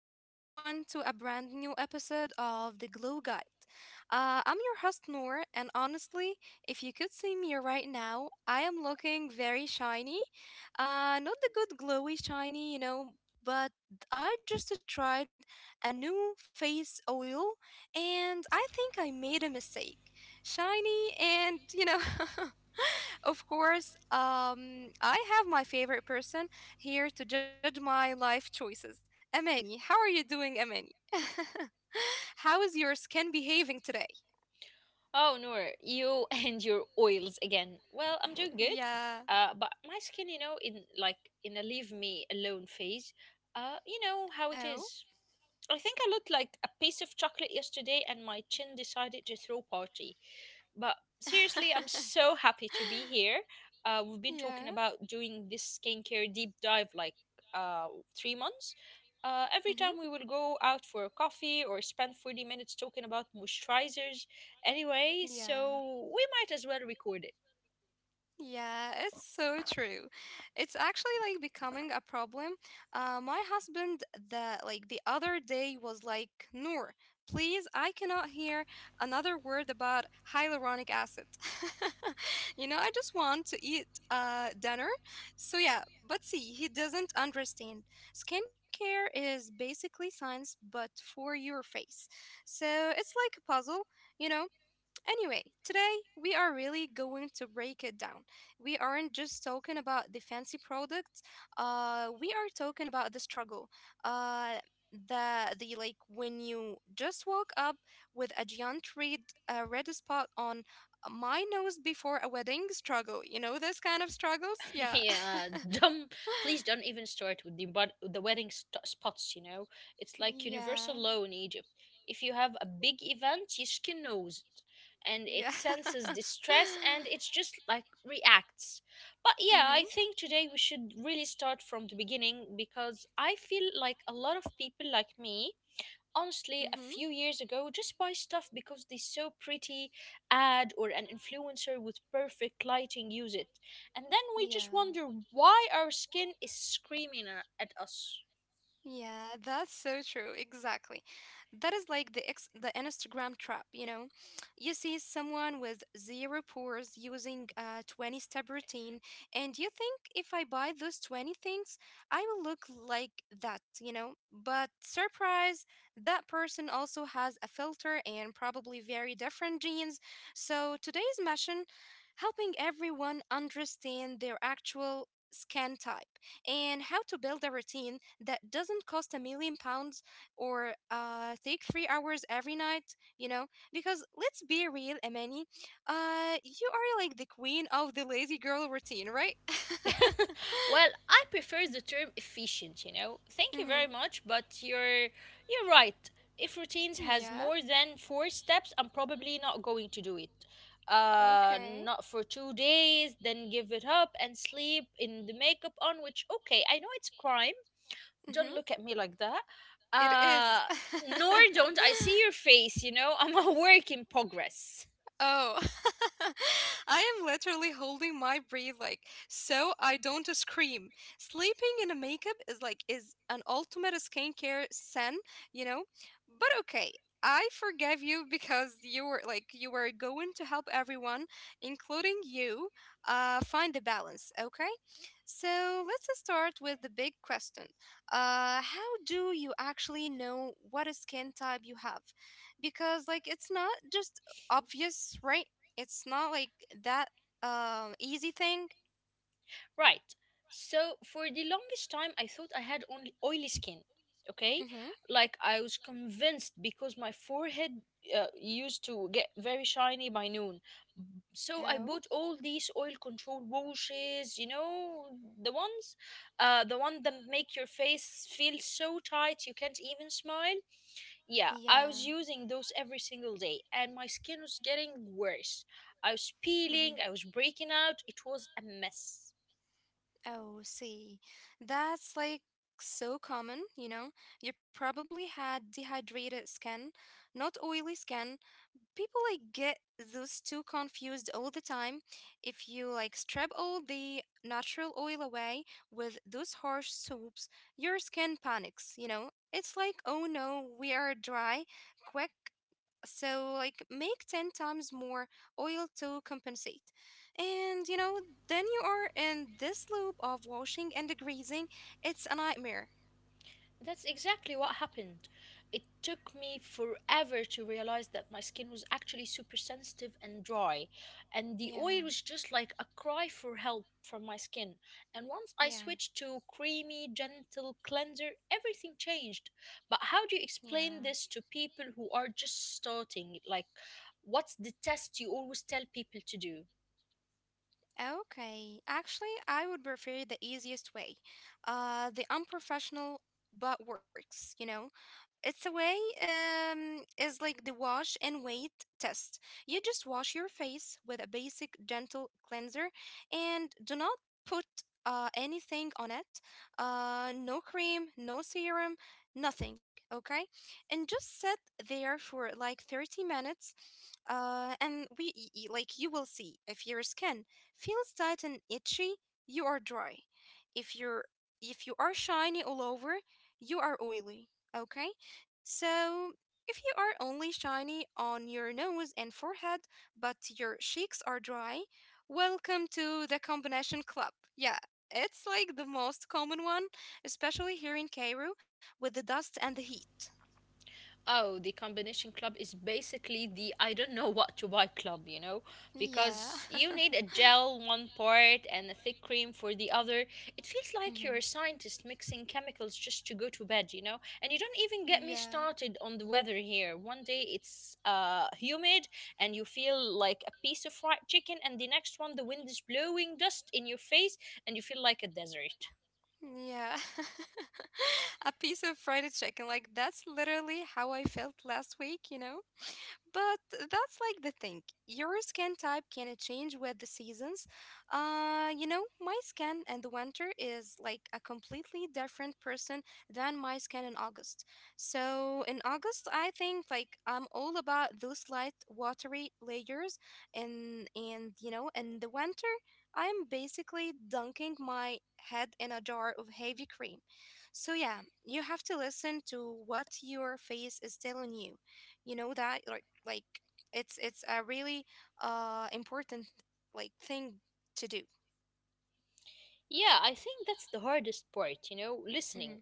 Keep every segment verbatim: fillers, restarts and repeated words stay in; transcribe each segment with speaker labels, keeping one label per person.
Speaker 1: Welcome everyone to a brand new episode of The Glow Guide. Uh, I'm your host Noor, and honestly, if you could see me right now, I am looking very shiny. Uh, not the good glowy shiny, you know, but I just tried a new face oil, and I think I made a mistake. Shiny, and you know. Of course, um, I have my favorite person here to judge my life choices. Amani, how are you doing, Amani? How is your skin behaving today?
Speaker 2: Oh, Noor, you and your oils again. Well, I'm doing good.
Speaker 1: Yeah.
Speaker 2: Uh, but my skin, you know, in like in a leave me alone phase, uh, you know how it
Speaker 1: Oh.
Speaker 2: is. I think I looked like a piece of chocolate yesterday and my chin decided to throw a party. But seriously, I'm so happy to be here. Uh, we've been talking
Speaker 1: Yeah.
Speaker 2: about doing this skincare deep dive like uh, three months. Uh, every
Speaker 1: Mm-hmm.
Speaker 2: time we will go out for a coffee or spend forty minutes talking about moisturizers anyway,
Speaker 1: Yeah.
Speaker 2: so we might as well record it.
Speaker 1: Yeah, it's so true. It's actually like becoming a problem. Uh, my husband the like the other day was like, "Noor, please, I cannot hear another word about hyaluronic acid." You know, I just want to eat uh dinner. So yeah, but see, he doesn't understand. Skincare is basically science, but for your face. So it's like a puzzle, you know. Anyway, today we are really going to break it down. We aren't just talking about the fancy products. Uh, we are talking about the struggle. Uh, the the like When you just woke up with a giant red uh, red spot on uh, my nose before a wedding struggle. You know those kind of struggles. Yeah.
Speaker 2: yeah, don't please don't even start with the but the wedding st- spots. You know, it's like
Speaker 1: Yeah.
Speaker 2: universal law in Egypt. If you have a big event, your skin knows it, and it
Speaker 1: Yeah.
Speaker 2: senses distress, and it's just like reacts. But yeah, I
Speaker 1: Mhm.
Speaker 2: think today we should really start from the beginning because I feel like a lot of people like me honestly a
Speaker 1: Mhm.
Speaker 2: few years ago just buy stuff because they so pretty ad or an influencer with perfect lighting use it and then we just
Speaker 1: Yeah.
Speaker 2: wonder why our skin is screaming a- at us.
Speaker 1: Yeah, that's so true. Exactly. That is like the ex the Instagram trap, you know. You see someone with zero pores using a twenty step routine, and you think if I buy those twenty things, I will look like that, you know. But surprise, that person also has a filter and probably very different genes. So today's mission, helping everyone understand their actual skin type and how to build a routine that doesn't cost a million pounds or uh, take three hours every night, you know? Because let's be real, Amani, uh, you are like the queen of the lazy girl routine, right?
Speaker 2: Well, I prefer the term efficient, you know, thank you very
Speaker 1: Hmm.
Speaker 2: much, but you're you're right. If routines has
Speaker 1: Yeah,
Speaker 2: more than four steps, I'm probably not going to do it, uh
Speaker 1: okay.
Speaker 2: not for two days, then give it up and sleep in the makeup on which, okay, I know it's crime. Don't
Speaker 1: Hmm.
Speaker 2: look at me like that.
Speaker 1: It
Speaker 2: Uh,
Speaker 1: is.
Speaker 2: Nor don't I see your face, you know, I'm a work in progress.
Speaker 1: Oh, I am literally holding my breath like so I don't scream. Sleeping in a makeup is like is an ultimate skincare sin, you know? But okay, I forgive you because you were like you were going to help everyone, including you, uh find the balance, okay? So let's start with the big question. Uh, how do you actually know what a skin type you have? Because like it's not just obvious, right? It's not like that um easy thing.
Speaker 2: Right. So for the longest time, I thought I had only oily skin. Okay,
Speaker 1: Mm-hmm.
Speaker 2: like I was convinced because my forehead uh, used to get very shiny by noon. So I
Speaker 1: Oh.
Speaker 2: bought all these oil control washes, you know, the ones, uh, the one that make your face feel so tight you can't even smile. Yeah,
Speaker 1: Yeah.
Speaker 2: I was using those every single day, and my skin was getting worse. I was
Speaker 1: Mm-hmm.
Speaker 2: peeling, I was breaking out, it was a mess.
Speaker 1: Oh, see. That's like so common, you know. You probably had dehydrated skin, not oily skin, people like get those two confused all the time. If you like strip all the natural oil away with those harsh soaps, your skin panics, you know. It's like, oh no, we are dry, quick, so like make ten times more oil to compensate. And you know, then you are in this loop of washing and degreasing. It's a nightmare.
Speaker 2: That's exactly what happened. It took me forever to realize that my skin was actually super sensitive and dry, and the oil
Speaker 1: Yeah.
Speaker 2: was just like a cry for help from my skin. And once I
Speaker 1: Yeah.
Speaker 2: switched to creamy, gentle cleanser, everything changed. But how do you
Speaker 1: Yeah.
Speaker 2: explain this to people who are just starting? Like, what's the test you always tell people to do?
Speaker 1: Okay, actually, I would prefer the easiest way, uh, the unprofessional but works, you know? It's a way um, is like the wash and wait test. You just wash your face with a basic gentle cleanser and do not put uh, anything on it. Uh, no cream, no serum, nothing, okay? And just sit there for like thirty minutes. Uh, and we y- y- like You will see if your skin feels tight and itchy, you are dry. If you're if you are shiny all over, you are oily, okay? So, if you are only shiny on your nose and forehead, but your cheeks are dry, welcome to the combination club. Yeah, it's like the most common one, especially here in Cairo with the dust and the heat.
Speaker 2: Oh, the combination club is basically the I don't know what to buy club, you know,
Speaker 1: Yeah.
Speaker 2: because you need a gel one part and a thick cream for the other. It feels like you're
Speaker 1: Mhm.
Speaker 2: a scientist mixing chemicals just to go to bed, you know. And you don't even get me
Speaker 1: Yeah.
Speaker 2: started on the weather here. One day it's uh humid and you feel like a piece of fried chicken, and the next one the wind is blowing dust in your face and you feel like a desert.
Speaker 1: Yeah. A piece of fried chicken. Like, that's literally how I felt last week, you know? But that's like the thing. Your skin type can change with the seasons. Uh, you know, my skin in the winter is like a completely different person than my skin in August. So in August, I think like I'm all about those light, watery layers, and and you know, in the winter, I'm basically dunking my head in a jar of heavy cream. So yeah, you have to listen to what your face is telling you you know that like like it's it's a really uh important like thing to do.
Speaker 2: Yeah, I think that's the hardest part, you know, listening.
Speaker 1: Hmm.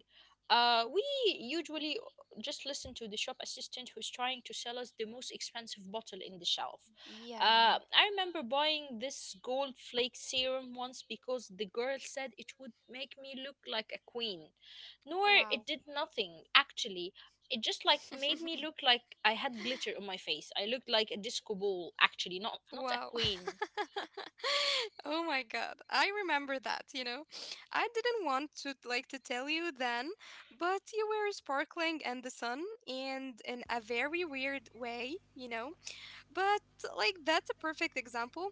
Speaker 2: Uh, we usually just listen to the shop assistant who's trying to sell us the most expensive bottle in the shelf.
Speaker 1: Yeah.
Speaker 2: Uh, I remember buying this gold flake serum once because the girl said it would make me look like a queen. Nor, it
Speaker 1: Wow.
Speaker 2: did nothing, actually. It just like made me look like I had glitter on my face. I looked like a disco ball, actually, not not a
Speaker 1: Wow.
Speaker 2: queen.
Speaker 1: Oh my God, I remember that, you know. I didn't want to like to tell you then, but you were sparkling in the sun and in a very weird way, you know. But like that's a perfect example.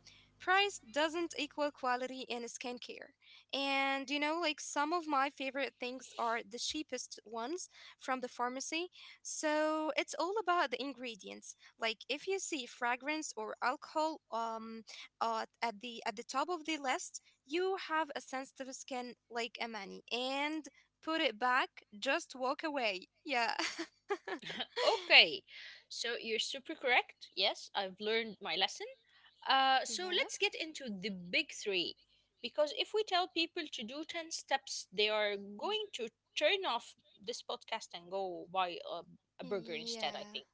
Speaker 1: Price doesn't equal quality in skincare. And you know, like some of my favorite things are the cheapest ones from the pharmacy. So it's all about the ingredients. Like if you see fragrance or alcohol um uh, at the at the top of the list, you have a sensitive skin like Amani, and put it back, just walk away. Yeah.
Speaker 2: Okay, so you're super correct. Yes, I've learned my lesson. Uh, so
Speaker 1: Yeah.
Speaker 2: let's get into the big three. Because if we tell people to do ten steps, they are going to turn off this podcast and go buy a, a burger
Speaker 1: Yeah.
Speaker 2: instead, I think.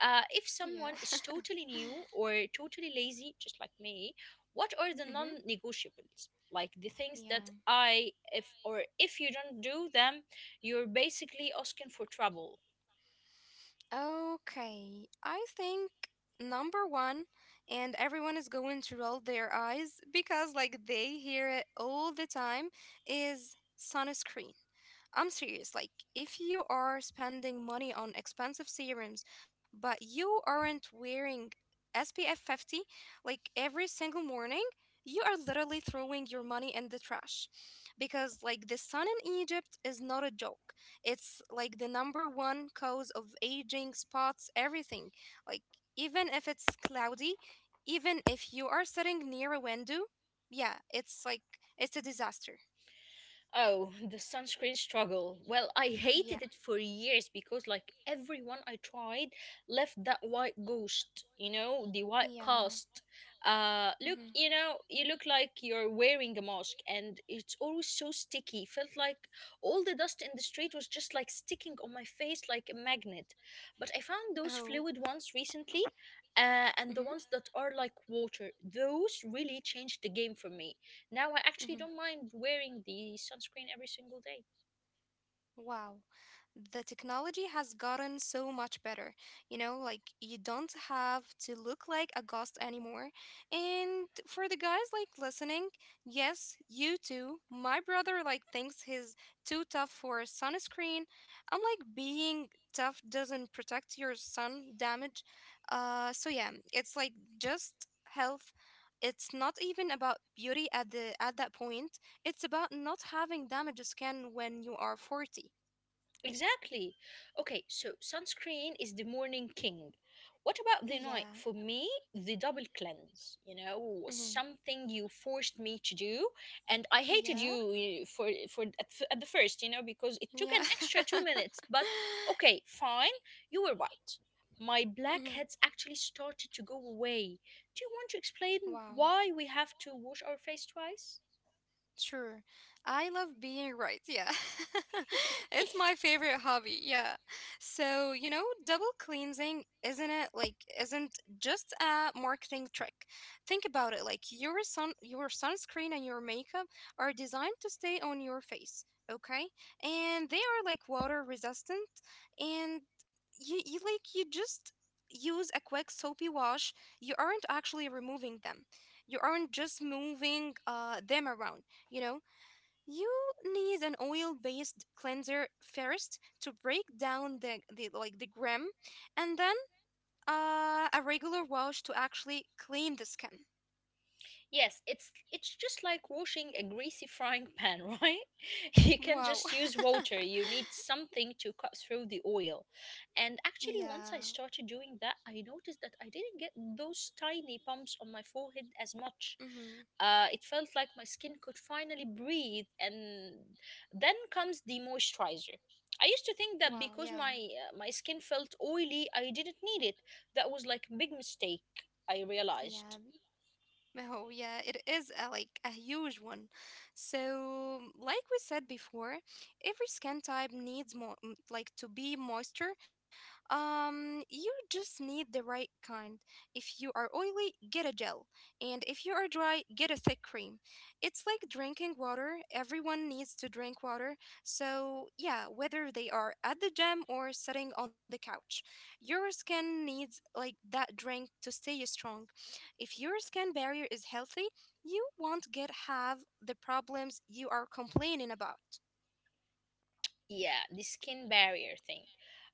Speaker 2: Uh, if
Speaker 1: Yeah.
Speaker 2: someone is totally new or totally lazy, just like me, what are the
Speaker 1: Hmm.
Speaker 2: non negotiables? Like the things that
Speaker 1: Yeah.
Speaker 2: I, if or if you don't do them, you're basically asking for trouble.
Speaker 1: Okay. I think number one, and everyone is going to roll their eyes because, like, they hear it all the time, is sunscreen. I'm serious. Like, if you are spending money on expensive serums, but you aren't wearing S P F fifty like every single morning, you are literally throwing your money in the trash. Because, like, the sun in Egypt is not a joke. It's like the number one cause of aging, spots, everything. Like, even if it's cloudy, even if you are sitting near a window, yeah, it's like, it's a disaster.
Speaker 2: Oh, the sunscreen struggle. Well, I hated
Speaker 1: Yeah.
Speaker 2: it for years because, like, everyone I tried left that white ghost, you know, the white
Speaker 1: Yeah.
Speaker 2: cast. Uh, look,
Speaker 1: Mm-hmm.
Speaker 2: you know, you look like you're wearing a mask, and it's always so sticky. Felt like all the dust in the street was just like sticking on my face like a magnet. But I found those
Speaker 1: Oh.
Speaker 2: fluid ones recently, uh, and the
Speaker 1: Mm-hmm.
Speaker 2: ones that are like water. Those really changed the game for me now I actually
Speaker 1: Mm-hmm.
Speaker 2: don't mind wearing the sunscreen every single day.
Speaker 1: Wow. The technology has gotten so much better. You know, like you don't have to look like a ghost anymore. And for the guys like listening, yes, you too. My brother like thinks he's too tough for sunscreen. I'm like, being tough doesn't protect your sun damage. Uh so yeah, it's like just health. It's not even about beauty at the at that point. It's about not having damaged skin when you are forty.
Speaker 2: Exactly. Okay, so sunscreen is the morning king. What about the
Speaker 1: Yeah.
Speaker 2: night? For me, the double cleanse, you know, was
Speaker 1: Hmm.
Speaker 2: something you forced me to do and I hated
Speaker 1: Yeah.
Speaker 2: you eh, for for at, f- at the first, you know, because it took
Speaker 1: Yeah.
Speaker 2: an extra two minutes, but okay, fine. You were right. My
Speaker 1: Mhm.
Speaker 2: blackheads actually started to go away. Do you want to explain
Speaker 1: Wow.
Speaker 2: why we have to wash our face twice?
Speaker 1: Sure. I love being right. Yeah. It's my favorite hobby. Yeah. So, you know, double cleansing, isn't it? Like, isn't just a marketing trick. Think about it. Like, your sun, your sunscreen and your makeup are designed to stay on your face. Okay. And they are like water resistant. And you, you like, you just use a quick soapy wash. You aren't actually removing them. You aren't just moving uh, them around, you know. You need an oil-based cleanser first to break down the, the like the grime, and then uh, a regular wash to actually clean the skin.
Speaker 2: Yes, it's it's just like washing a greasy frying pan, right? You can
Speaker 1: Wow.
Speaker 2: just use water. You need something to cut through the oil. And actually
Speaker 1: Yeah.
Speaker 2: once I started doing that, I noticed that I didn't get those tiny bumps on my forehead as much.
Speaker 1: Hmm.
Speaker 2: Uh, it felt like my skin could finally breathe and then comes the moisturizer. I used to think that
Speaker 1: Wow.
Speaker 2: because
Speaker 1: Yeah.
Speaker 2: my uh, my skin felt oily, I didn't need it. That was like a big mistake, I realized.
Speaker 1: Yeah. Oh, yeah, it is a, like a huge one. So, like we said before, every skin type needs more like to be moisture. Um, you just need the right kind. If you are oily, get a gel, and if you are dry, get a thick cream. It's like drinking water. Everyone needs to drink water. So, yeah, whether they are at the gym or sitting on the couch, your skin needs like that drink to stay strong. If your skin barrier is healthy, you won't get have the problems you are complaining about.
Speaker 2: Yeah, the skin barrier thing.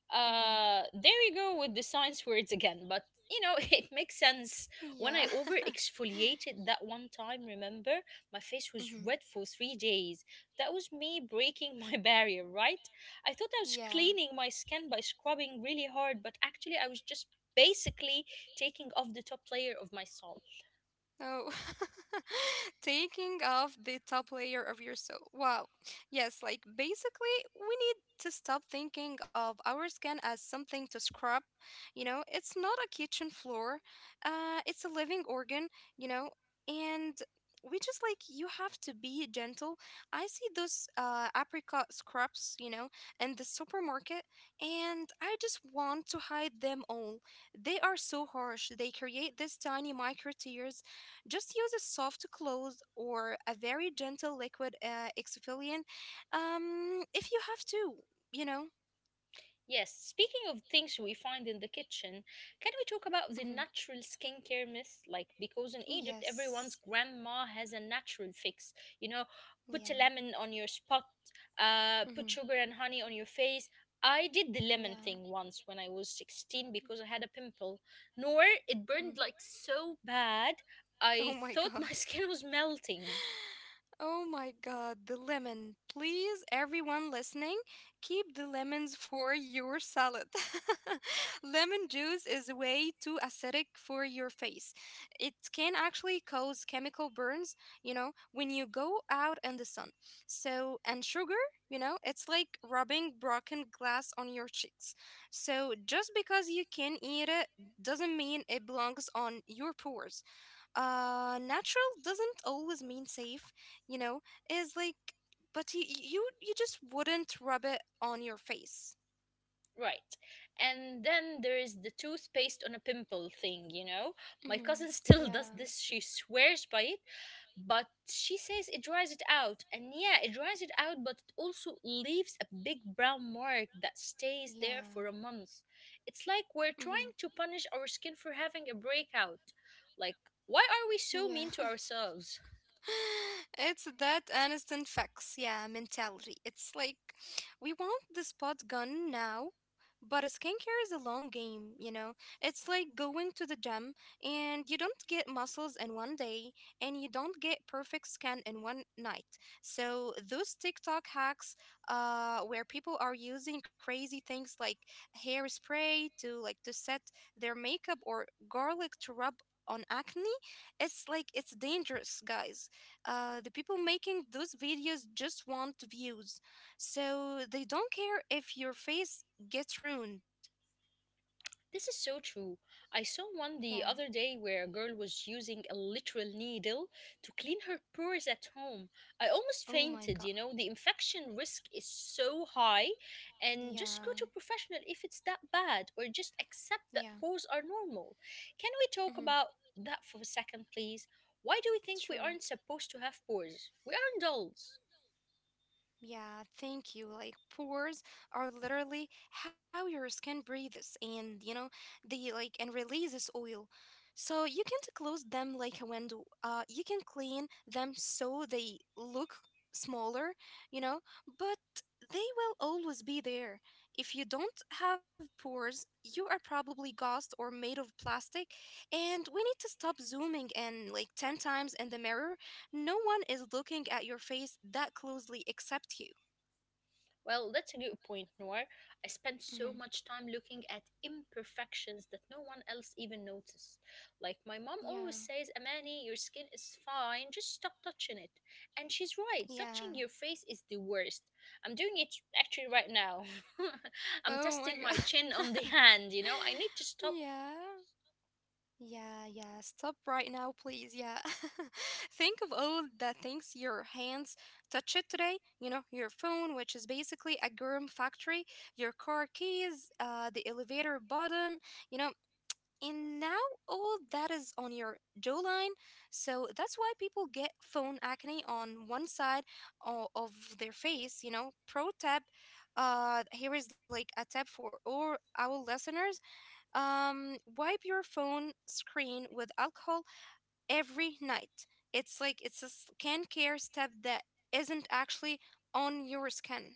Speaker 1: Hmm.
Speaker 2: Uh, there you go with the science words again, but you know, it makes sense. When
Speaker 1: Yeah.
Speaker 2: I over exfoliated that one time, remember, my face was
Speaker 1: Hmm.
Speaker 2: red for three days. That was me breaking my barrier, right? I thought I was
Speaker 1: Yeah.
Speaker 2: cleaning my skin by scrubbing really hard, but actually, I was just basically taking off the top layer of my salt.
Speaker 1: Oh, taking off the top layer of your soul. Wow. Yes, like basically, we need to stop thinking of our skin as something to scrub. You know, it's not a kitchen floor, uh, it's a living organ, you know, and we just like you have to be gentle. I see those uh, apricot scrubs, you know, in the supermarket, and I just want to hide them all. They are so harsh, they create these tiny micro tears. Just use a soft cloth or a very gentle liquid uh, exfoliant, um, if you have to, you know?
Speaker 2: Yes, speaking of things we find in the kitchen, can we talk
Speaker 1: Hmm.
Speaker 2: about the natural skincare myth? Like, because in Egypt,
Speaker 1: Yes.
Speaker 2: everyone's grandma has a natural fix. You know, put a
Speaker 1: Yeah.
Speaker 2: lemon on your spot, uh, put
Speaker 1: Hmm.
Speaker 2: sugar and honey on your face. I did the lemon
Speaker 1: Yeah.
Speaker 2: thing once when I was sixteen because I had a pimple. Nor, it
Speaker 1: Hmm.
Speaker 2: burned like so bad,
Speaker 1: Oh
Speaker 2: I
Speaker 1: my God.
Speaker 2: thought my skin was melting.
Speaker 1: Oh my god, the lemon. Please, everyone listening, keep the lemons for your salad. Lemon juice is way too acidic for your face. It can actually cause chemical burns, you know, when you go out in the sun. So, and sugar, you know, it's like rubbing broken glass on your cheeks. So, just because you can eat it doesn't mean it belongs on your pores. Uh natural doesn't always mean safe, you know, is like, but you you you just wouldn't rub it on your face.
Speaker 2: Right. And then there is the toothpaste on a pimple thing, you know? My
Speaker 1: Mm-hmm.
Speaker 2: cousin still does
Speaker 1: Yeah.
Speaker 2: this. She swears by it, but she says it dries it out. And yeah, it dries it out, but it also leaves a big brown mark that stays there
Speaker 1: Yeah.
Speaker 2: for a month. It's like we're
Speaker 1: Mm-hmm.
Speaker 2: trying to punish our skin for having a breakout. Like, why are we so mean
Speaker 1: Yeah.
Speaker 2: to ourselves?
Speaker 1: It's that instant fix, yeah, mentality. It's like we want the spot gone now, but skincare is a long game, you know? It's like going to the gym and you don't get muscles in one day and you don't get perfect skin in one night. So those TikTok hacks uh where people are using crazy things like hairspray to like to set their makeup or garlic to rub on acne it's like it's dangerous guys. Uh, the people making those videos just want views. So they don't care if your face gets ruined.
Speaker 2: This is so true. I saw one
Speaker 1: Yeah.
Speaker 2: the other day where a girl was using a literal needle to clean her pores at home. I almost
Speaker 1: Oh my
Speaker 2: fainted,
Speaker 1: god.
Speaker 2: you know. The infection risk is so high, and just go
Speaker 1: Yeah.
Speaker 2: to a professional if it's that bad, or just accept
Speaker 1: Yeah.
Speaker 2: that pores are normal. Can we talk
Speaker 1: Mm-hmm.
Speaker 2: about that for a second, please? Why do we think we
Speaker 1: Sure.
Speaker 2: aren't supposed to have pores? We aren't dolls.
Speaker 1: Yeah, thank you. Like pores are literally how your skin breathes, and you know they like and releases oil. So you can't close them like a window. Uh you can clean them so they look smaller, you know, but they will always be there. If you don't have pores, you are probably gassed or made of plastic, and we need to stop zooming in like ten times in the mirror. No one is looking at your face that closely except you.
Speaker 2: Well, that's a good point, Noir. I spend so
Speaker 1: Hmm.
Speaker 2: much time looking at imperfections that no one else even notices. Like my mom
Speaker 1: Yeah.
Speaker 2: always says, Amani, your skin is fine, just stop touching it. And she's right,
Speaker 1: Yeah.
Speaker 2: touching your face is the worst. I'm doing it actually right now. I'm
Speaker 1: Oh my
Speaker 2: testing my
Speaker 1: God.
Speaker 2: chin on the hand, you know? I need to stop.
Speaker 1: Yeah. Yeah, yeah. Stop right now, please. Yeah. Think of all the things your hands touch it today. You know, your phone, which is basically a germ factory, your car keys, uh, the elevator button, you know, and now all that is on your jawline. So that's why people get phone acne on one side o- of their face, you know. Pro tip, uh, here is like a tip for all our listeners. Um wipe your phone screen with alcohol every night. It's like it's a skincare step that isn't actually on your skin.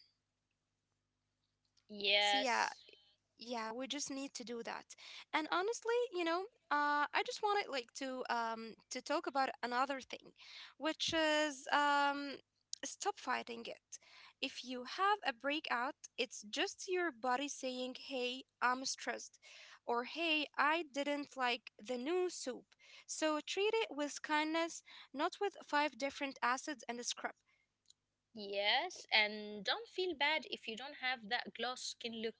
Speaker 1: So yeah,
Speaker 2: Yes.
Speaker 1: yeah, we just need to do that. And honestly, you know, uh, I just wanted like to um, to talk about another thing, which is um, stop fighting it. If you have a breakout, it's just your body saying, "Hey, I'm stressed," or "Hey, I didn't like the new soup." So treat it with kindness, not with five different acids and a scrub.
Speaker 2: Yes, and don't feel bad if you don't have that gloss skin look.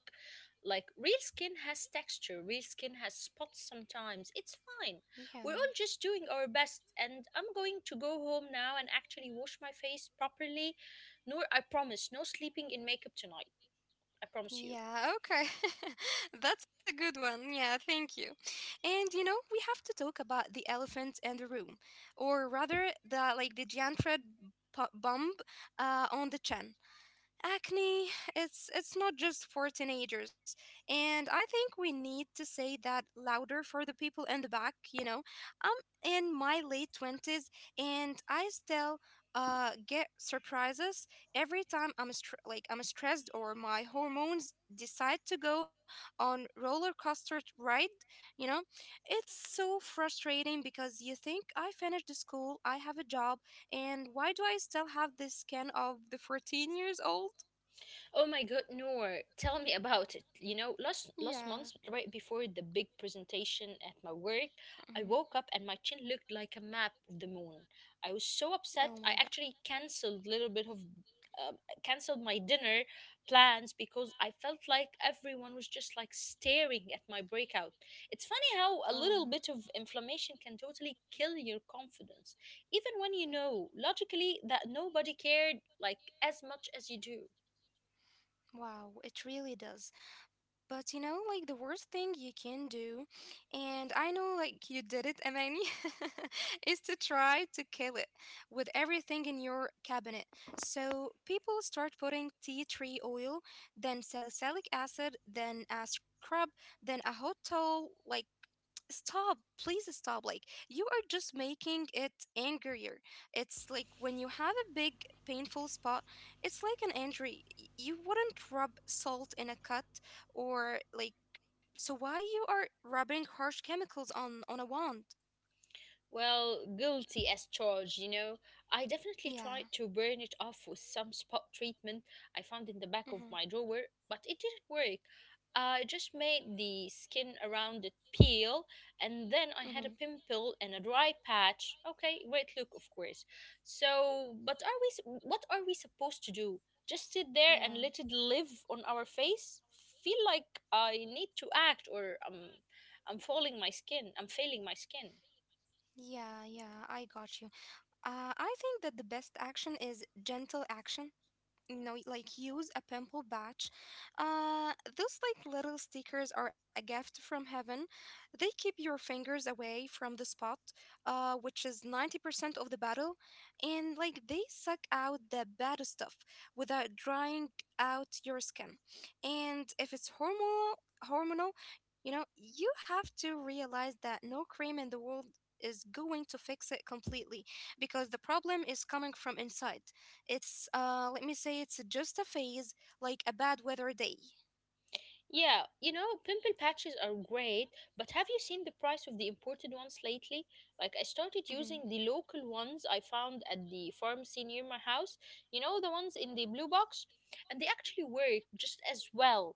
Speaker 2: Like real skin has texture, real skin has spots sometimes. It's fine.
Speaker 1: Yeah.
Speaker 2: We're all just doing our best and I'm going to go home now and actually wash my face properly. Noor, I promise, no sleeping in makeup tonight. I promise you.
Speaker 1: Yeah, okay. That's a good one. Yeah, thank you. And you know, we have to talk about the elephant in the room, or rather the like the giant red bu- bump, uh, on the chin. Acne, it's it's not just for teenagers, and I think we need to say that louder for the people in the back, you know. I'm in my late twenties, and I still uh get surprises every time i'm str- like i'm stressed or my hormones decide to go on roller coaster ride, you know. It's so frustrating because you think I finished the school, I have a job, and why do I still have this skin of the fourteen years old?
Speaker 2: Oh my God, Noor, tell me about it. You know, last last
Speaker 1: Yeah.
Speaker 2: month, right before the big presentation at my work,
Speaker 1: Mhm.
Speaker 2: I woke up and my chin looked like a map of the moon. I was so
Speaker 1: Oh
Speaker 2: upset. I
Speaker 1: my God.
Speaker 2: actually canceled a little bit of um canceled my dinner plans because I felt like everyone was just like staring at my breakout. It's funny how
Speaker 1: Oh,
Speaker 2: a little bit of inflammation can totally kill your confidence, even when you know logically that nobody cared like as much as you do.
Speaker 1: wow. It really does. But you know, like the worst thing you can do, and I know like you did it, Amani, is to try to kill it with everything in your cabinet. So people start putting tea tree oil, then salicylic acid, then a scrub, then a hot towel. Like, stop, please stop. Like, you are just making it angrier. It's like when you have a big painful spot, it's like an injury. Y- You wouldn't rub salt in a cut, or like, so why you are rubbing harsh chemicals on on a wound?
Speaker 2: Well, guilty as charged, you know. I definitely tried
Speaker 1: Yeah.
Speaker 2: to burn it off with some spot treatment I found in the back of my
Speaker 1: Mm-hmm.
Speaker 2: drawer, but it didn't work. I just made the skin around it peel, and then I had a
Speaker 1: Mm-hmm.
Speaker 2: pimple and a dry patch. Okay, great look, of course. So, but are we? S- What are we supposed to do? Just sit there and let
Speaker 1: Yeah.
Speaker 2: it live on our face? Feel like I need to act, or um, I'm falling my skin. I'm failing my skin.
Speaker 1: Yeah, yeah, I got you. uh I think that the best action is gentle action, you know. Like, use a pimple patch. Uh those like little stickers are a gift from heaven. They keep your fingers away from the spot, uh which is ninety percent of the battle, and like they suck out the bad stuff without drying out your skin. And if it's hormonal hormonal you know, you have to realize that no cream in the world is going to fix it completely, because the problem is coming from inside. It's uh Let me say it's just a phase, like a bad weather day.
Speaker 2: Yeah, you know, pimple patches are great, but have you seen the price of the imported ones lately? Like, I started
Speaker 1: Mhm.
Speaker 2: using the local ones I found at the pharmacy near my house. You know, the ones in the blue box? And they actually work just as well.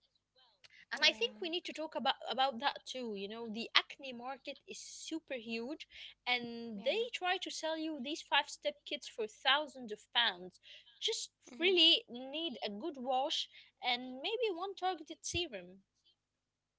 Speaker 2: And I
Speaker 1: Yeah.
Speaker 2: think we need to talk about, about that too. You know, the acne market is super huge, and they
Speaker 1: Yeah.
Speaker 2: try to sell you these five step kits for thousands of pounds. Just
Speaker 1: Mhm.
Speaker 2: really need a good wash and maybe one targeted serum.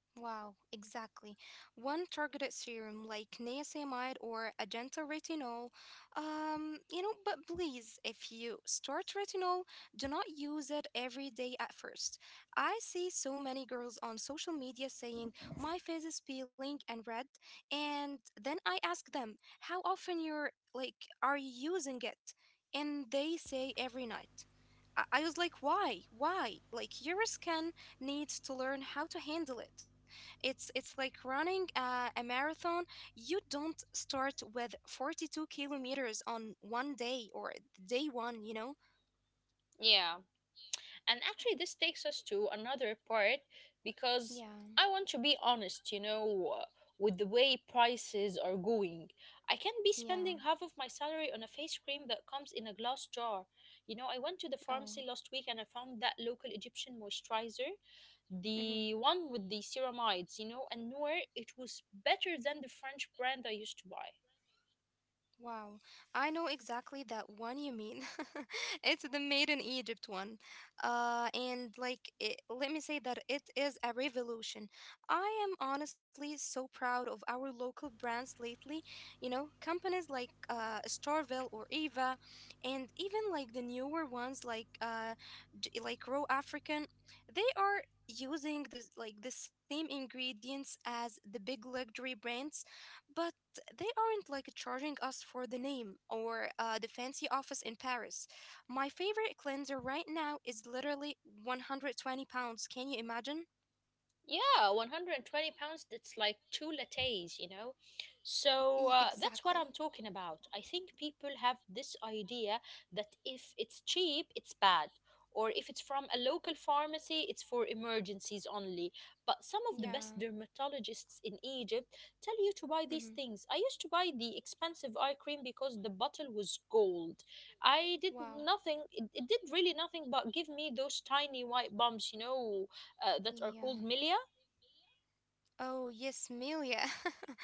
Speaker 1: Wow, exactly. One targeted serum like niacinamide or Agenta retinol. Um, you know, but please, if you start retinol, do not use it every day at first. I see so many girls on social media saying, "My face is peeling and red," and then I ask them, "How often you're like are you using it?" And they say every night. I I was like, why? Why? Like, your skin needs to learn how to handle it. It's it's like running uh, a marathon. You don't start with forty-two kilometers on one day or day one, you know?
Speaker 2: Yeah. And actually, this takes us to another part because
Speaker 1: Yeah.
Speaker 2: I want to be honest, you know, uh, with the way prices are going. I can't be
Speaker 1: Yeah.
Speaker 2: spending half of my salary on a face cream that comes in a glass jar. You know, I went to the
Speaker 1: Oh.
Speaker 2: pharmacy last week and I found that local Egyptian moisturizer,
Speaker 1: Mhm.
Speaker 2: the one with the ceramides, you know, and nowhere it was better than the French brand I used to buy.
Speaker 1: Wow, I know exactly that one you mean. It's the Made in Egypt one. Uh, and like, it, let me say that it is a revolution. I am honestly so proud of our local brands lately. You know, companies like uh, Starville or Eva, and even like the newer ones like uh, J- like Raw African. They are using the like the same ingredients as the big luxury brands, but they aren't like charging us for the name or uh, the fancy office in Paris. My favorite cleanser right now is literally one hundred twenty pounds. Can you imagine?
Speaker 2: Yeah, one hundred twenty pounds, that's like two lattes, you know?
Speaker 1: E-
Speaker 2: So uh,
Speaker 1: exactly.
Speaker 2: that's what I'm talking about. I think people have this idea that if it's cheap, it's bad. Or if it's from a local pharmacy, it's for emergencies only. But some of the best
Speaker 1: Yeah.
Speaker 2: dermatologists in Egypt tell you to buy
Speaker 1: Hmm.
Speaker 2: these things. I used to buy the expensive eye cream because the bottle was gold. I did
Speaker 1: Wow.
Speaker 2: nothing, it, it did really nothing but give me those tiny white bumps, you know, uh, that are called
Speaker 1: Yeah.
Speaker 2: milia.
Speaker 1: Oh, yes, meal,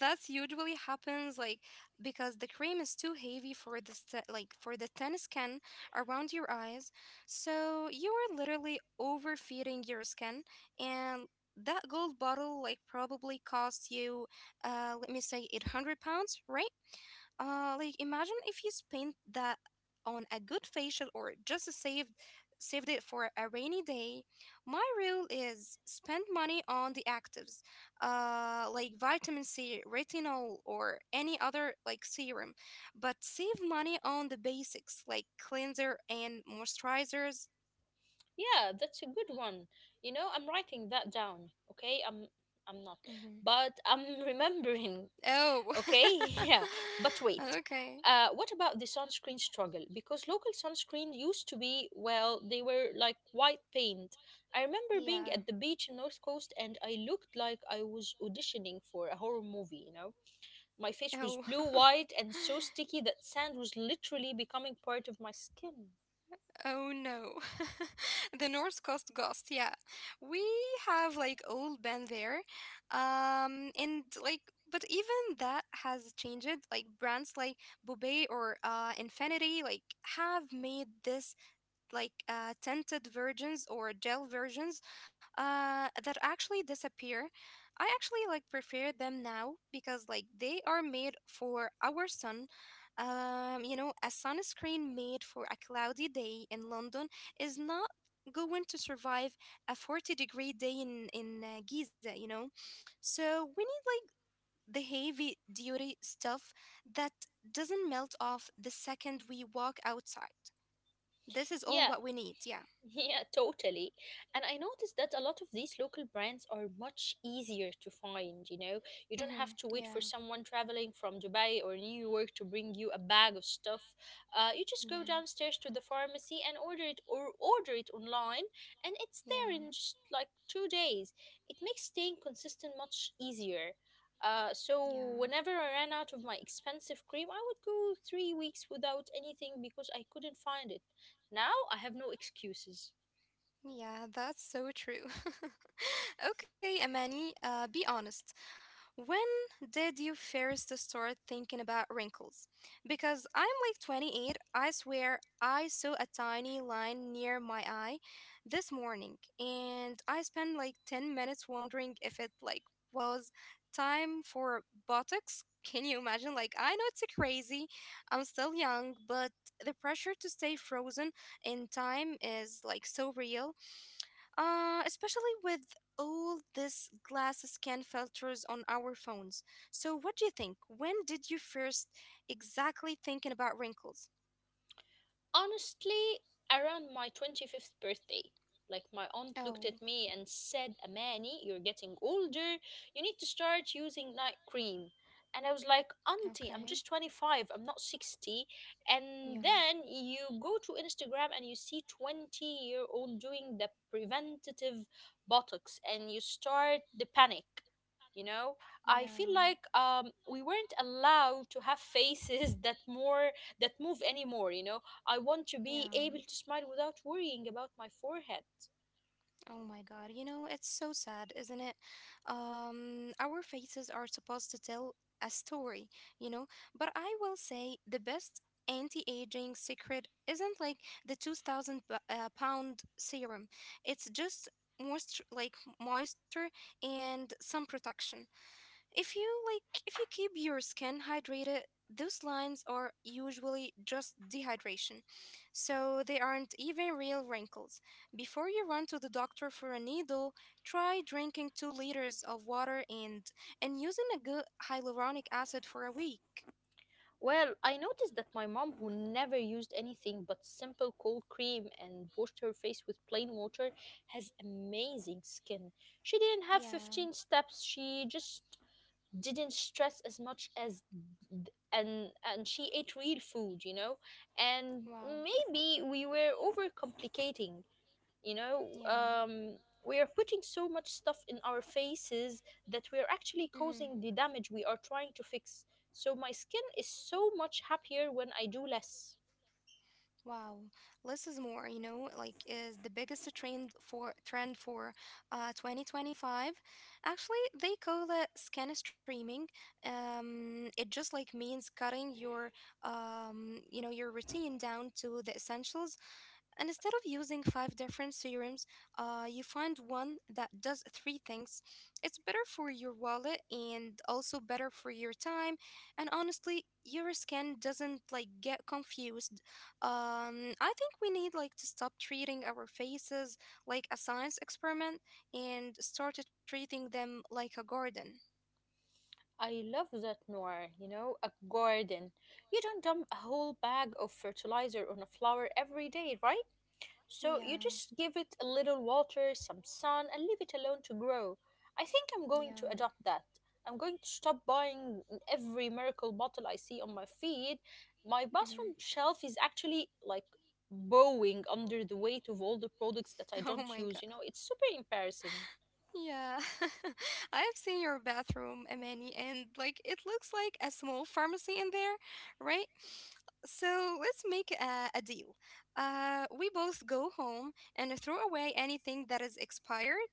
Speaker 1: that usually happens like because the cream is too heavy for the st- like for the thin skin around your eyes. So you are literally overfeeding your skin, and that gold bottle like probably cost you, uh let me say, eight hundred pounds, right? Uh, like, imagine if you spent that on a good facial or just saved saved it for a rainy day. My rule is spend money on the actives, uh, like vitamin C, retinol, or any other like serum, but save money on the basics like cleanser and moisturizers.
Speaker 2: Yeah, that's a good one. You know, I'm writing that down. Okay, I'm I'm not,
Speaker 1: Hmm.
Speaker 2: but I'm remembering.
Speaker 1: Oh,
Speaker 2: Okay, yeah. But wait,
Speaker 1: okay,
Speaker 2: uh, what about the sunscreen struggle? Because local sunscreen used to be well, they were like white paint. I remember being
Speaker 1: yeah.
Speaker 2: at the beach in North Coast, and I looked like I was auditioning for a horror movie. You know, my face
Speaker 1: Oh.
Speaker 2: was blue white and so sticky that sand was literally becoming part of my skin.
Speaker 1: Oh no. The North Coast Ghost, yeah. We have like old band there. Um and like, but even that has changed. Like brands like Boubet or uh Infinity like have made this like uh, tinted versions or gel versions, uh, that actually disappear. I actually like prefer them now because like they are made for our sun. Um, you know, a sunscreen made for a cloudy day in London is not going to survive a forty degree day in in uh, Giza, you know. So we need like the heavy duty stuff that doesn't melt off the second we walk outside. This is all
Speaker 2: Yeah,
Speaker 1: what we need, yeah.
Speaker 2: Yeah, totally. And I noticed that a lot of these local brands are much easier to find, you know. You don't
Speaker 1: Mm-hmm.
Speaker 2: have to wait
Speaker 1: Yeah,
Speaker 2: for someone traveling from Dubai or New York to bring you a bag of stuff. Uh, you just go
Speaker 1: yeah,
Speaker 2: downstairs to the pharmacy and order it or order it online and it's there
Speaker 1: yeah,
Speaker 2: in just like two days. It makes staying consistent much easier. Uh,
Speaker 1: yeah,
Speaker 2: so whenever I ran out of my expensive cream, I would go three weeks without anything because I couldn't find it. Now I have no excuses.
Speaker 1: yeah. That's so true. Okay, Amani. Uh, be honest. When did you first start thinking about wrinkles? Because I'm like twenty-eight, I swear I saw a tiny line near my eye this morning, and I spent like ten minutes wondering if it like was time for botox. Can you imagine? Like, I know it's crazy. I'm still young, but the pressure to stay frozen in time is like so real, uh, especially with all this glass scan filters on our phones. So, what do you think? When did you first exactly thinking about wrinkles?
Speaker 2: Honestly, around my twenty-fifth birthday, like my aunt looked
Speaker 1: Oh,
Speaker 2: at me and said, "Amani, you're getting older. You need to start using night cream." And I was like, "Auntie,
Speaker 1: okay.
Speaker 2: I'm just twenty-five, I'm not sixty." And
Speaker 1: Yeah,
Speaker 2: then you go to Instagram and you see twenty year old doing the preventative botox and you start the panic. You know, I
Speaker 1: yeah,
Speaker 2: feel like um, we weren't allowed to have faces that more that move anymore. You know, I want to be
Speaker 1: yeah.
Speaker 2: able to smile without worrying about my forehead.
Speaker 1: Oh my God, you know, it's so sad, isn't it? Um, our faces are supposed to tell a story, you know, but I will say the best anti-aging secret isn't like the two thousand b- uh, pound serum. It's just moisture, like moisture and some protection. If you like if you keep your skin hydrated, those lines are usually just dehydration. So they aren't even real wrinkles. Before you run to the doctor for a needle, try drinking two liters of water and and using a good hyaluronic acid for a week.
Speaker 2: Well, I noticed that my mom, who never used anything but simple cold cream and washed her face with plain water, has amazing skin. She didn't have
Speaker 1: Yeah.
Speaker 2: fifteen steps, she just didn't stress as much, as and and she ate real food, you know, and
Speaker 1: Wow.
Speaker 2: maybe we were overcomplicating, you know
Speaker 1: Yeah.
Speaker 2: um, we are putting so much stuff in our faces that we are actually
Speaker 1: Mhm.
Speaker 2: causing the damage we are trying to fix, so my skin is so much happier when I do less.
Speaker 1: Wow, less is more, you know, like is the biggest trend for trend for uh twenty twenty-five. Actually, they call it skin streaming. Um it just like means cutting your um you know your routine down to the essentials, and instead of using five different serums, uh, you find one that does three things. It's better for your wallet and also better for your time. And honestly, your skin doesn't like get confused. Um, I think we need like to stop treating our faces like a science experiment and start treating them like a garden.
Speaker 2: I love that, Noir. You know, a garden, you don't dump a whole bag of fertilizer on a flower every day, right? So you
Speaker 1: Yeah,
Speaker 2: just give it a little water, some sun, and leave it alone to grow. I think I'm going
Speaker 1: yeah.
Speaker 2: to adopt that. I'm going to stop buying every miracle bottle I see on my feed. My
Speaker 1: Mhm.
Speaker 2: bathroom shelf is actually like bowing under the weight of all the products that I
Speaker 1: Oh
Speaker 2: don't
Speaker 1: my.
Speaker 2: use. You know, it's super embarrassing.
Speaker 1: Yeah, I have seen your bathroom, Amani, and like it looks like a small pharmacy in there, right? So let's make a, a deal. Uh, we both go home and throw away anything that is expired,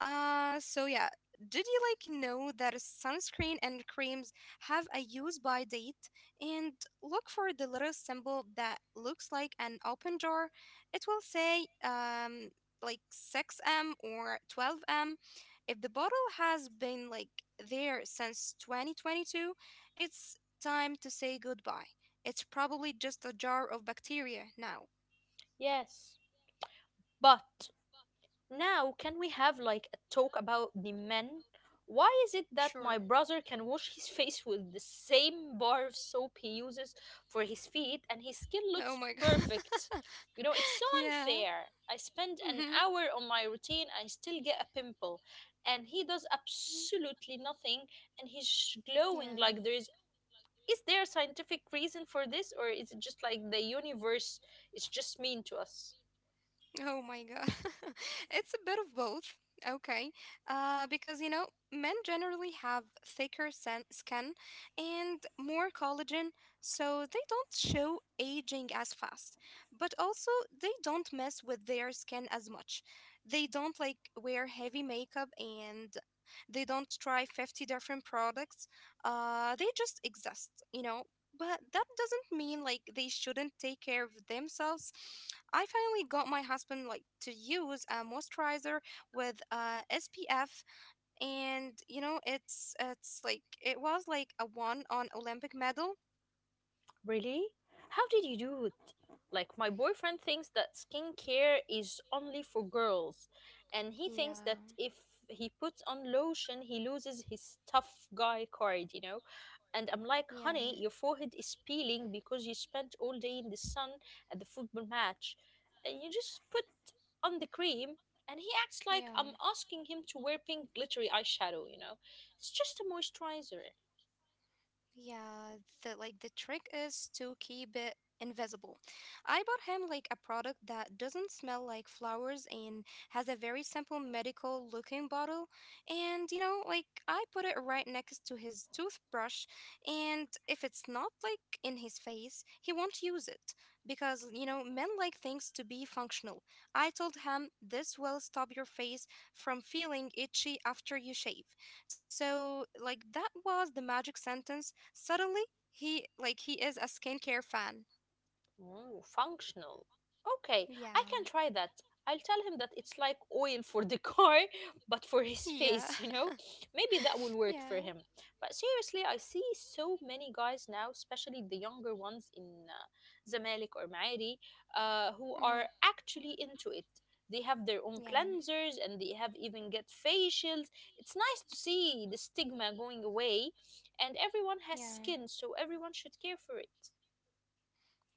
Speaker 1: uh, so yeah, did you like know that sunscreen and creams have a use by date? And look for the little symbol that looks like an open door. It will say um like six M or twelve M. If the bottle has been like there since twenty twenty-two, it's time to say goodbye. It's probably just a jar of bacteria now.
Speaker 2: Yes. But now, can we have like a talk about the men? Why is it that
Speaker 1: Sure.
Speaker 2: my brother can wash his face with the same bar of soap he uses for his feet and his skin
Speaker 1: Oh
Speaker 2: looks
Speaker 1: my god.
Speaker 2: perfect? You know, it's so
Speaker 1: Yeah.
Speaker 2: unfair. I spend an
Speaker 1: Hmm.
Speaker 2: hour on my routine, I still get a pimple, and he does absolutely nothing and he's glowing
Speaker 1: Yeah.
Speaker 2: like there is. Is there a scientific reason for this, or is it just like the universe is just mean to us?
Speaker 1: Oh my god. It's a bit of both. Okay. Uh, because, you know, men generally have thicker san- skin and more collagen, so they don't show aging as fast. But also, they don't mess with their skin as much. They don't like wear heavy makeup, and they don't try fifty different products. Uh, they just exist, you know, but that doesn't mean like they shouldn't take care of themselves. I finally got my husband like to use a moisturizer with uh S P F. And you know, it's it's like it was like a one on Olympic medal.
Speaker 2: Really? How did you do it? Like, my boyfriend thinks that skincare is only for girls, and he thinks
Speaker 1: Yeah.
Speaker 2: that if he puts on lotion, he loses his tough guy card, you know? And I'm like,
Speaker 1: Yeah.
Speaker 2: honey, your forehead is peeling because you spent all day in the sun at the football match, and you just put on the cream. And he acts like I'm
Speaker 1: Yeah.
Speaker 2: asking him to wear pink glittery eyeshadow, you know? It's just a moisturizer.
Speaker 1: Yeah, the like the trick is to keep it invisible. I bought him like a product that doesn't smell like flowers and has a very simple medical looking bottle. And you know, like I put it right next to his toothbrush, and if it's not like in his face, he won't use it because you know, men like things to be functional. I told him this will stop your face from feeling itchy after you shave. So, like, that was the magic sentence. Suddenly, he like he is a skincare fan.
Speaker 2: Mm, functional. Okay, I can
Speaker 1: Yeah.
Speaker 2: try that. I'll tell him that it's like oil for the car, but for his
Speaker 1: Yeah.
Speaker 2: face, you know? Maybe that will work for
Speaker 1: yeah.
Speaker 2: him. But seriously, I see so many guys now, especially the younger ones in uh, Zamalek or Maari, uh, who are
Speaker 1: Hmm.
Speaker 2: actually into it. They have their own
Speaker 1: Yeah.
Speaker 2: cleansers and they have even get facials. It's nice to see the stigma going away, and everyone
Speaker 1: Yeah.
Speaker 2: has skin, so everyone should care for it.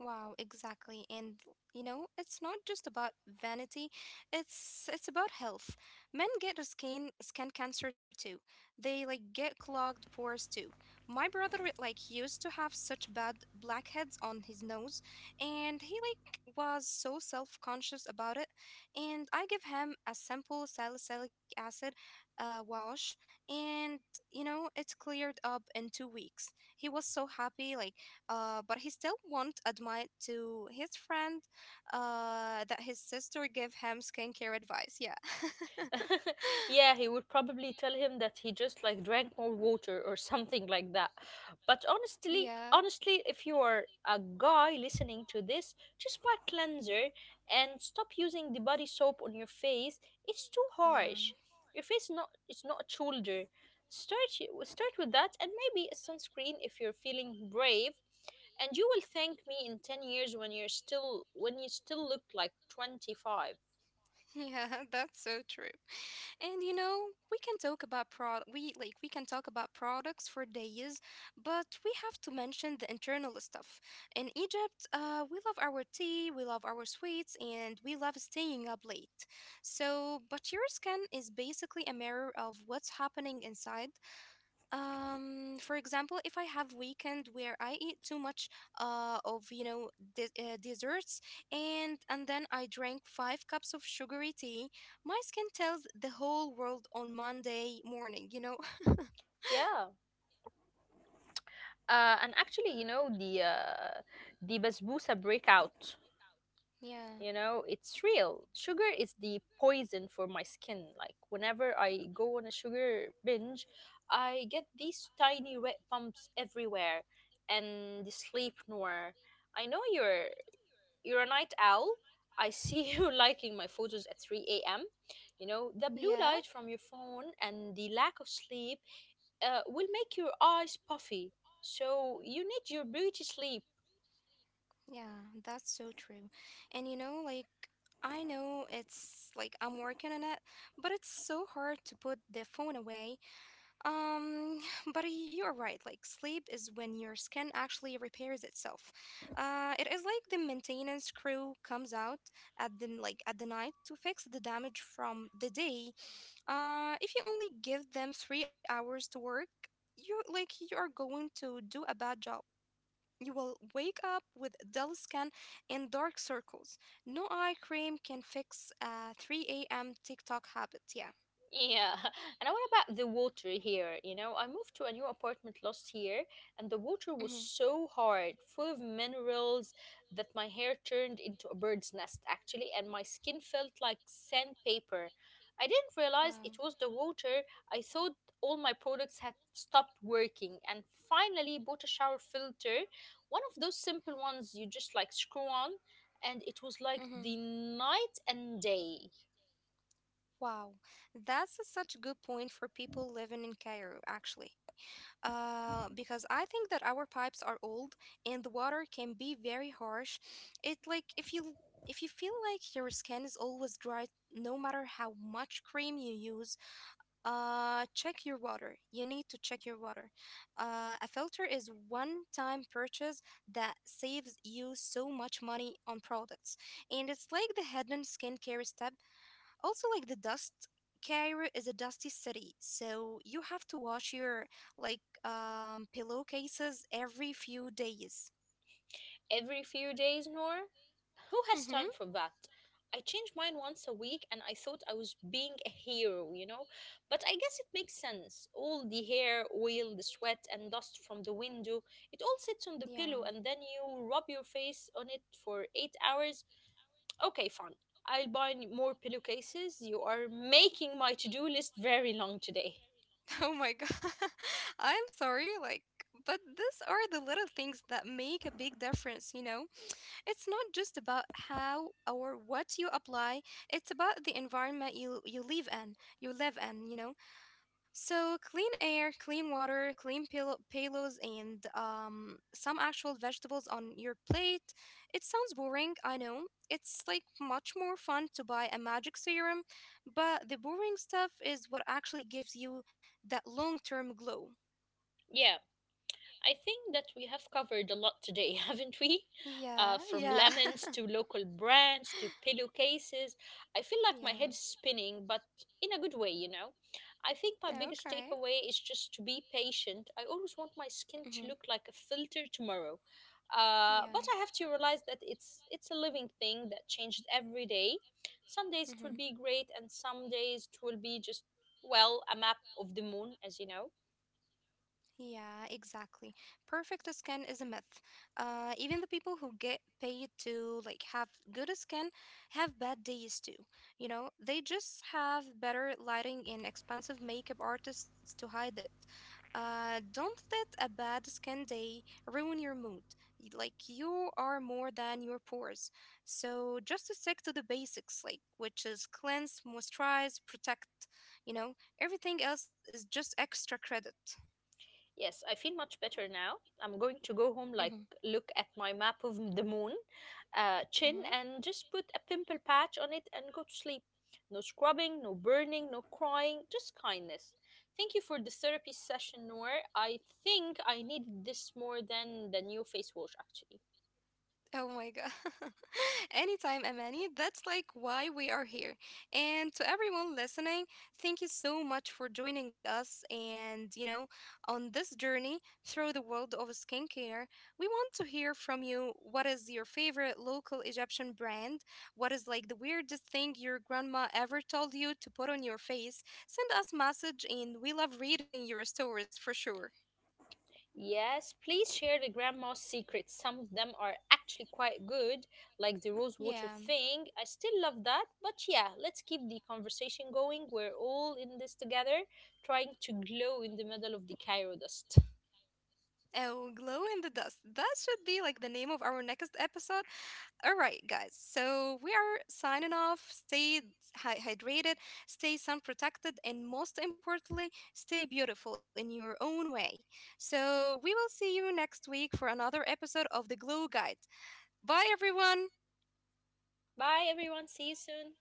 Speaker 1: Wow, exactly. And you know, it's not just about vanity. It's it's about health. Men get a skin skin cancer too. They like get clogged pores too. My brother like used to have such bad blackheads on his nose, and he like was so self-conscious about it. And I give him a simple salicylic acid uh, wash, and you know, it cleared up in two weeks. He was so happy like uh, but he still won't admit to his friend uh, that his sister gave him skincare advice. Yeah.
Speaker 2: Yeah, he would probably tell him that he just like drank more water or something like that. But honestly,
Speaker 1: yeah.
Speaker 2: honestly, if you are a guy listening to this, just buy cleanser and stop using the body soap on your face. It's too
Speaker 1: Yeah.
Speaker 2: harsh. Your face not it's not a shoulder. Start y- start with that and maybe a sunscreen if you're feeling brave. And you will thank me in ten years when you're still when you still look like twenty-five.
Speaker 1: Yeah. That's so true. And you know, we can talk about pro we like we can talk about products for days, but we have to mention the internal stuff. In Egypt, uh, we love our tea, we love our sweets, and we love staying up late. So, but your skin is basically a mirror of what's happening inside. Um for example, if I have weekend where I eat too much uh of you know de- uh, desserts, and and then I drank five cups of sugary tea. My skin tells the whole world on Monday morning, you know.
Speaker 2: Yeah. Uh, and actually, you know, the uh, the basbousa breakout,
Speaker 1: Yeah.
Speaker 2: you know, it's real. Sugar is the poison for my skin. Like whenever I go on a sugar binge, I get these tiny red bumps everywhere and the sleep nowhere. I know you're you're a night owl. I see you liking my photos at three a m. You know, the blue
Speaker 1: Yeah.
Speaker 2: light from your phone and the lack of sleep uh, will make your eyes puffy, so you need your beauty sleep.
Speaker 1: Yeah, that's so true. And you know, like I know it's like I'm working on it, but it's so hard to put the phone away. Um, but y- you're right. Like sleep is when your skin actually repairs itself. Uh, it is like the maintenance crew comes out at the n- like at the night to fix the damage from the day. Uh, if you only give them three hours to work, you like you are going to do a bad job. You will wake up with dull skin and dark circles. No eye cream can fix a three a m. TikTok habit. Yeah.
Speaker 2: Yeah. And what about the water here? You know, I moved to a new apartment last year and the water
Speaker 1: Mm-hmm.
Speaker 2: was so hard, full of minerals, that my hair turned into a bird's nest actually, and my skin felt like sandpaper. I didn't realize
Speaker 1: Wow.
Speaker 2: it was the water. I thought all my products had stopped working and finally bought a shower filter, one of those simple ones you just like screw on, and it was like
Speaker 1: Mm-hmm.
Speaker 2: the night and day.
Speaker 1: Wow, that's a such a good point for people living in Cairo, actually. Uh, because I think that our pipes are old and the water can be very harsh. It like if you if you feel like your skin is always dry, no matter how much cream you use, uh, check your water. You need to check your water. Uh, a filter is one-time purchase that saves you so much money on products, and it's like the hidden skincare step. Also, like the dust, Cairo is a dusty city, so you have to wash your like um pillowcases every few days.
Speaker 2: Every few days, Nor? Who has
Speaker 1: Mm-hmm.
Speaker 2: time for that? I change mine once a week and I thought I was being a hero, you know? But I guess it makes sense. All the hair, oil, the sweat, and dust from the window, it all sits on the
Speaker 1: Yeah.
Speaker 2: pillow and then you rub your face on it for eight hours. Okay, fine. I'll buy more pillowcases. You are making my to do list very long today.
Speaker 1: Oh my god. I'm sorry, like, but these are the little things that make a big difference, you know? It's not just about how or what you apply, it's about the environment you you live in, you live in, you know? So clean air, clean water, clean pillow pillows, and um, some actual vegetables on your plate. It sounds boring, I know. It's like much more fun to buy a magic serum, but the boring stuff is what actually gives you that long term glow.
Speaker 2: Yeah, I think that we have covered a lot today, haven't we?
Speaker 1: Yeah,
Speaker 2: Uh, from
Speaker 1: yeah,
Speaker 2: lemons to local brands to pillowcases. I feel like my head's
Speaker 1: yeah.
Speaker 2: spinning, but in a good way, you know. I think my biggest
Speaker 1: Okay.
Speaker 2: takeaway is just to be patient. I always want my skin
Speaker 1: Mm-hmm.
Speaker 2: to look like a filter tomorrow. Uh, but
Speaker 1: Yeah.
Speaker 2: I have to realize that it's it's a living thing that changes every day. Some days it will be
Speaker 1: Mm-hmm.
Speaker 2: great, and some days it will be just well a map of the moon, as you know.
Speaker 1: Yeah, exactly. Perfect skin is a myth. Uh, even the people who get paid to like have good skin have bad days too. You know, they just have better lighting and expensive makeup artists to hide it. Uh, don't let a bad skin day ruin your mood. Y- Like you are more than your pores. So just stick to the basics, like which is cleanse, moisturize, protect. You know, everything else is just extra credit.
Speaker 2: Yes, I feel much better now. I'm going to go home,
Speaker 1: Mm-hmm.
Speaker 2: like, look at my map of the moon, uh, chin,
Speaker 1: Mhm.
Speaker 2: and just put a pimple patch on it and go to sleep. No scrubbing, no burning, no crying, just kindness. Thank you for the therapy session, Noor. I think I needed this more than the new face wash, actually.
Speaker 1: Oh my God. Anytime, Amani. That's like why we are here. And to everyone listening, thank you so much for joining us and, you know, on this journey through the world of skincare. We want to hear from you. What is your favorite local Egyptian brand? What is like the weirdest thing your grandma ever told you to put on your face? Send us message and we love reading your stories for sure.
Speaker 2: Yes, please share the grandma's secrets. Some of them are actually quite good, like the rose water
Speaker 1: Yeah.
Speaker 2: thing. I still love that. But yeah, let's keep the conversation going. We're all in this together, trying to glow in the middle of the Cairo dust.
Speaker 1: Oh, glow in the dust. That should be like the name of our next episode. All right, guys. So we are signing off. Stay hy- hydrated, stay sun protected, and most importantly, stay beautiful in your own way. So we will see you next week for another episode of The Glow Guide. Bye, everyone.
Speaker 2: Bye, everyone. See you soon.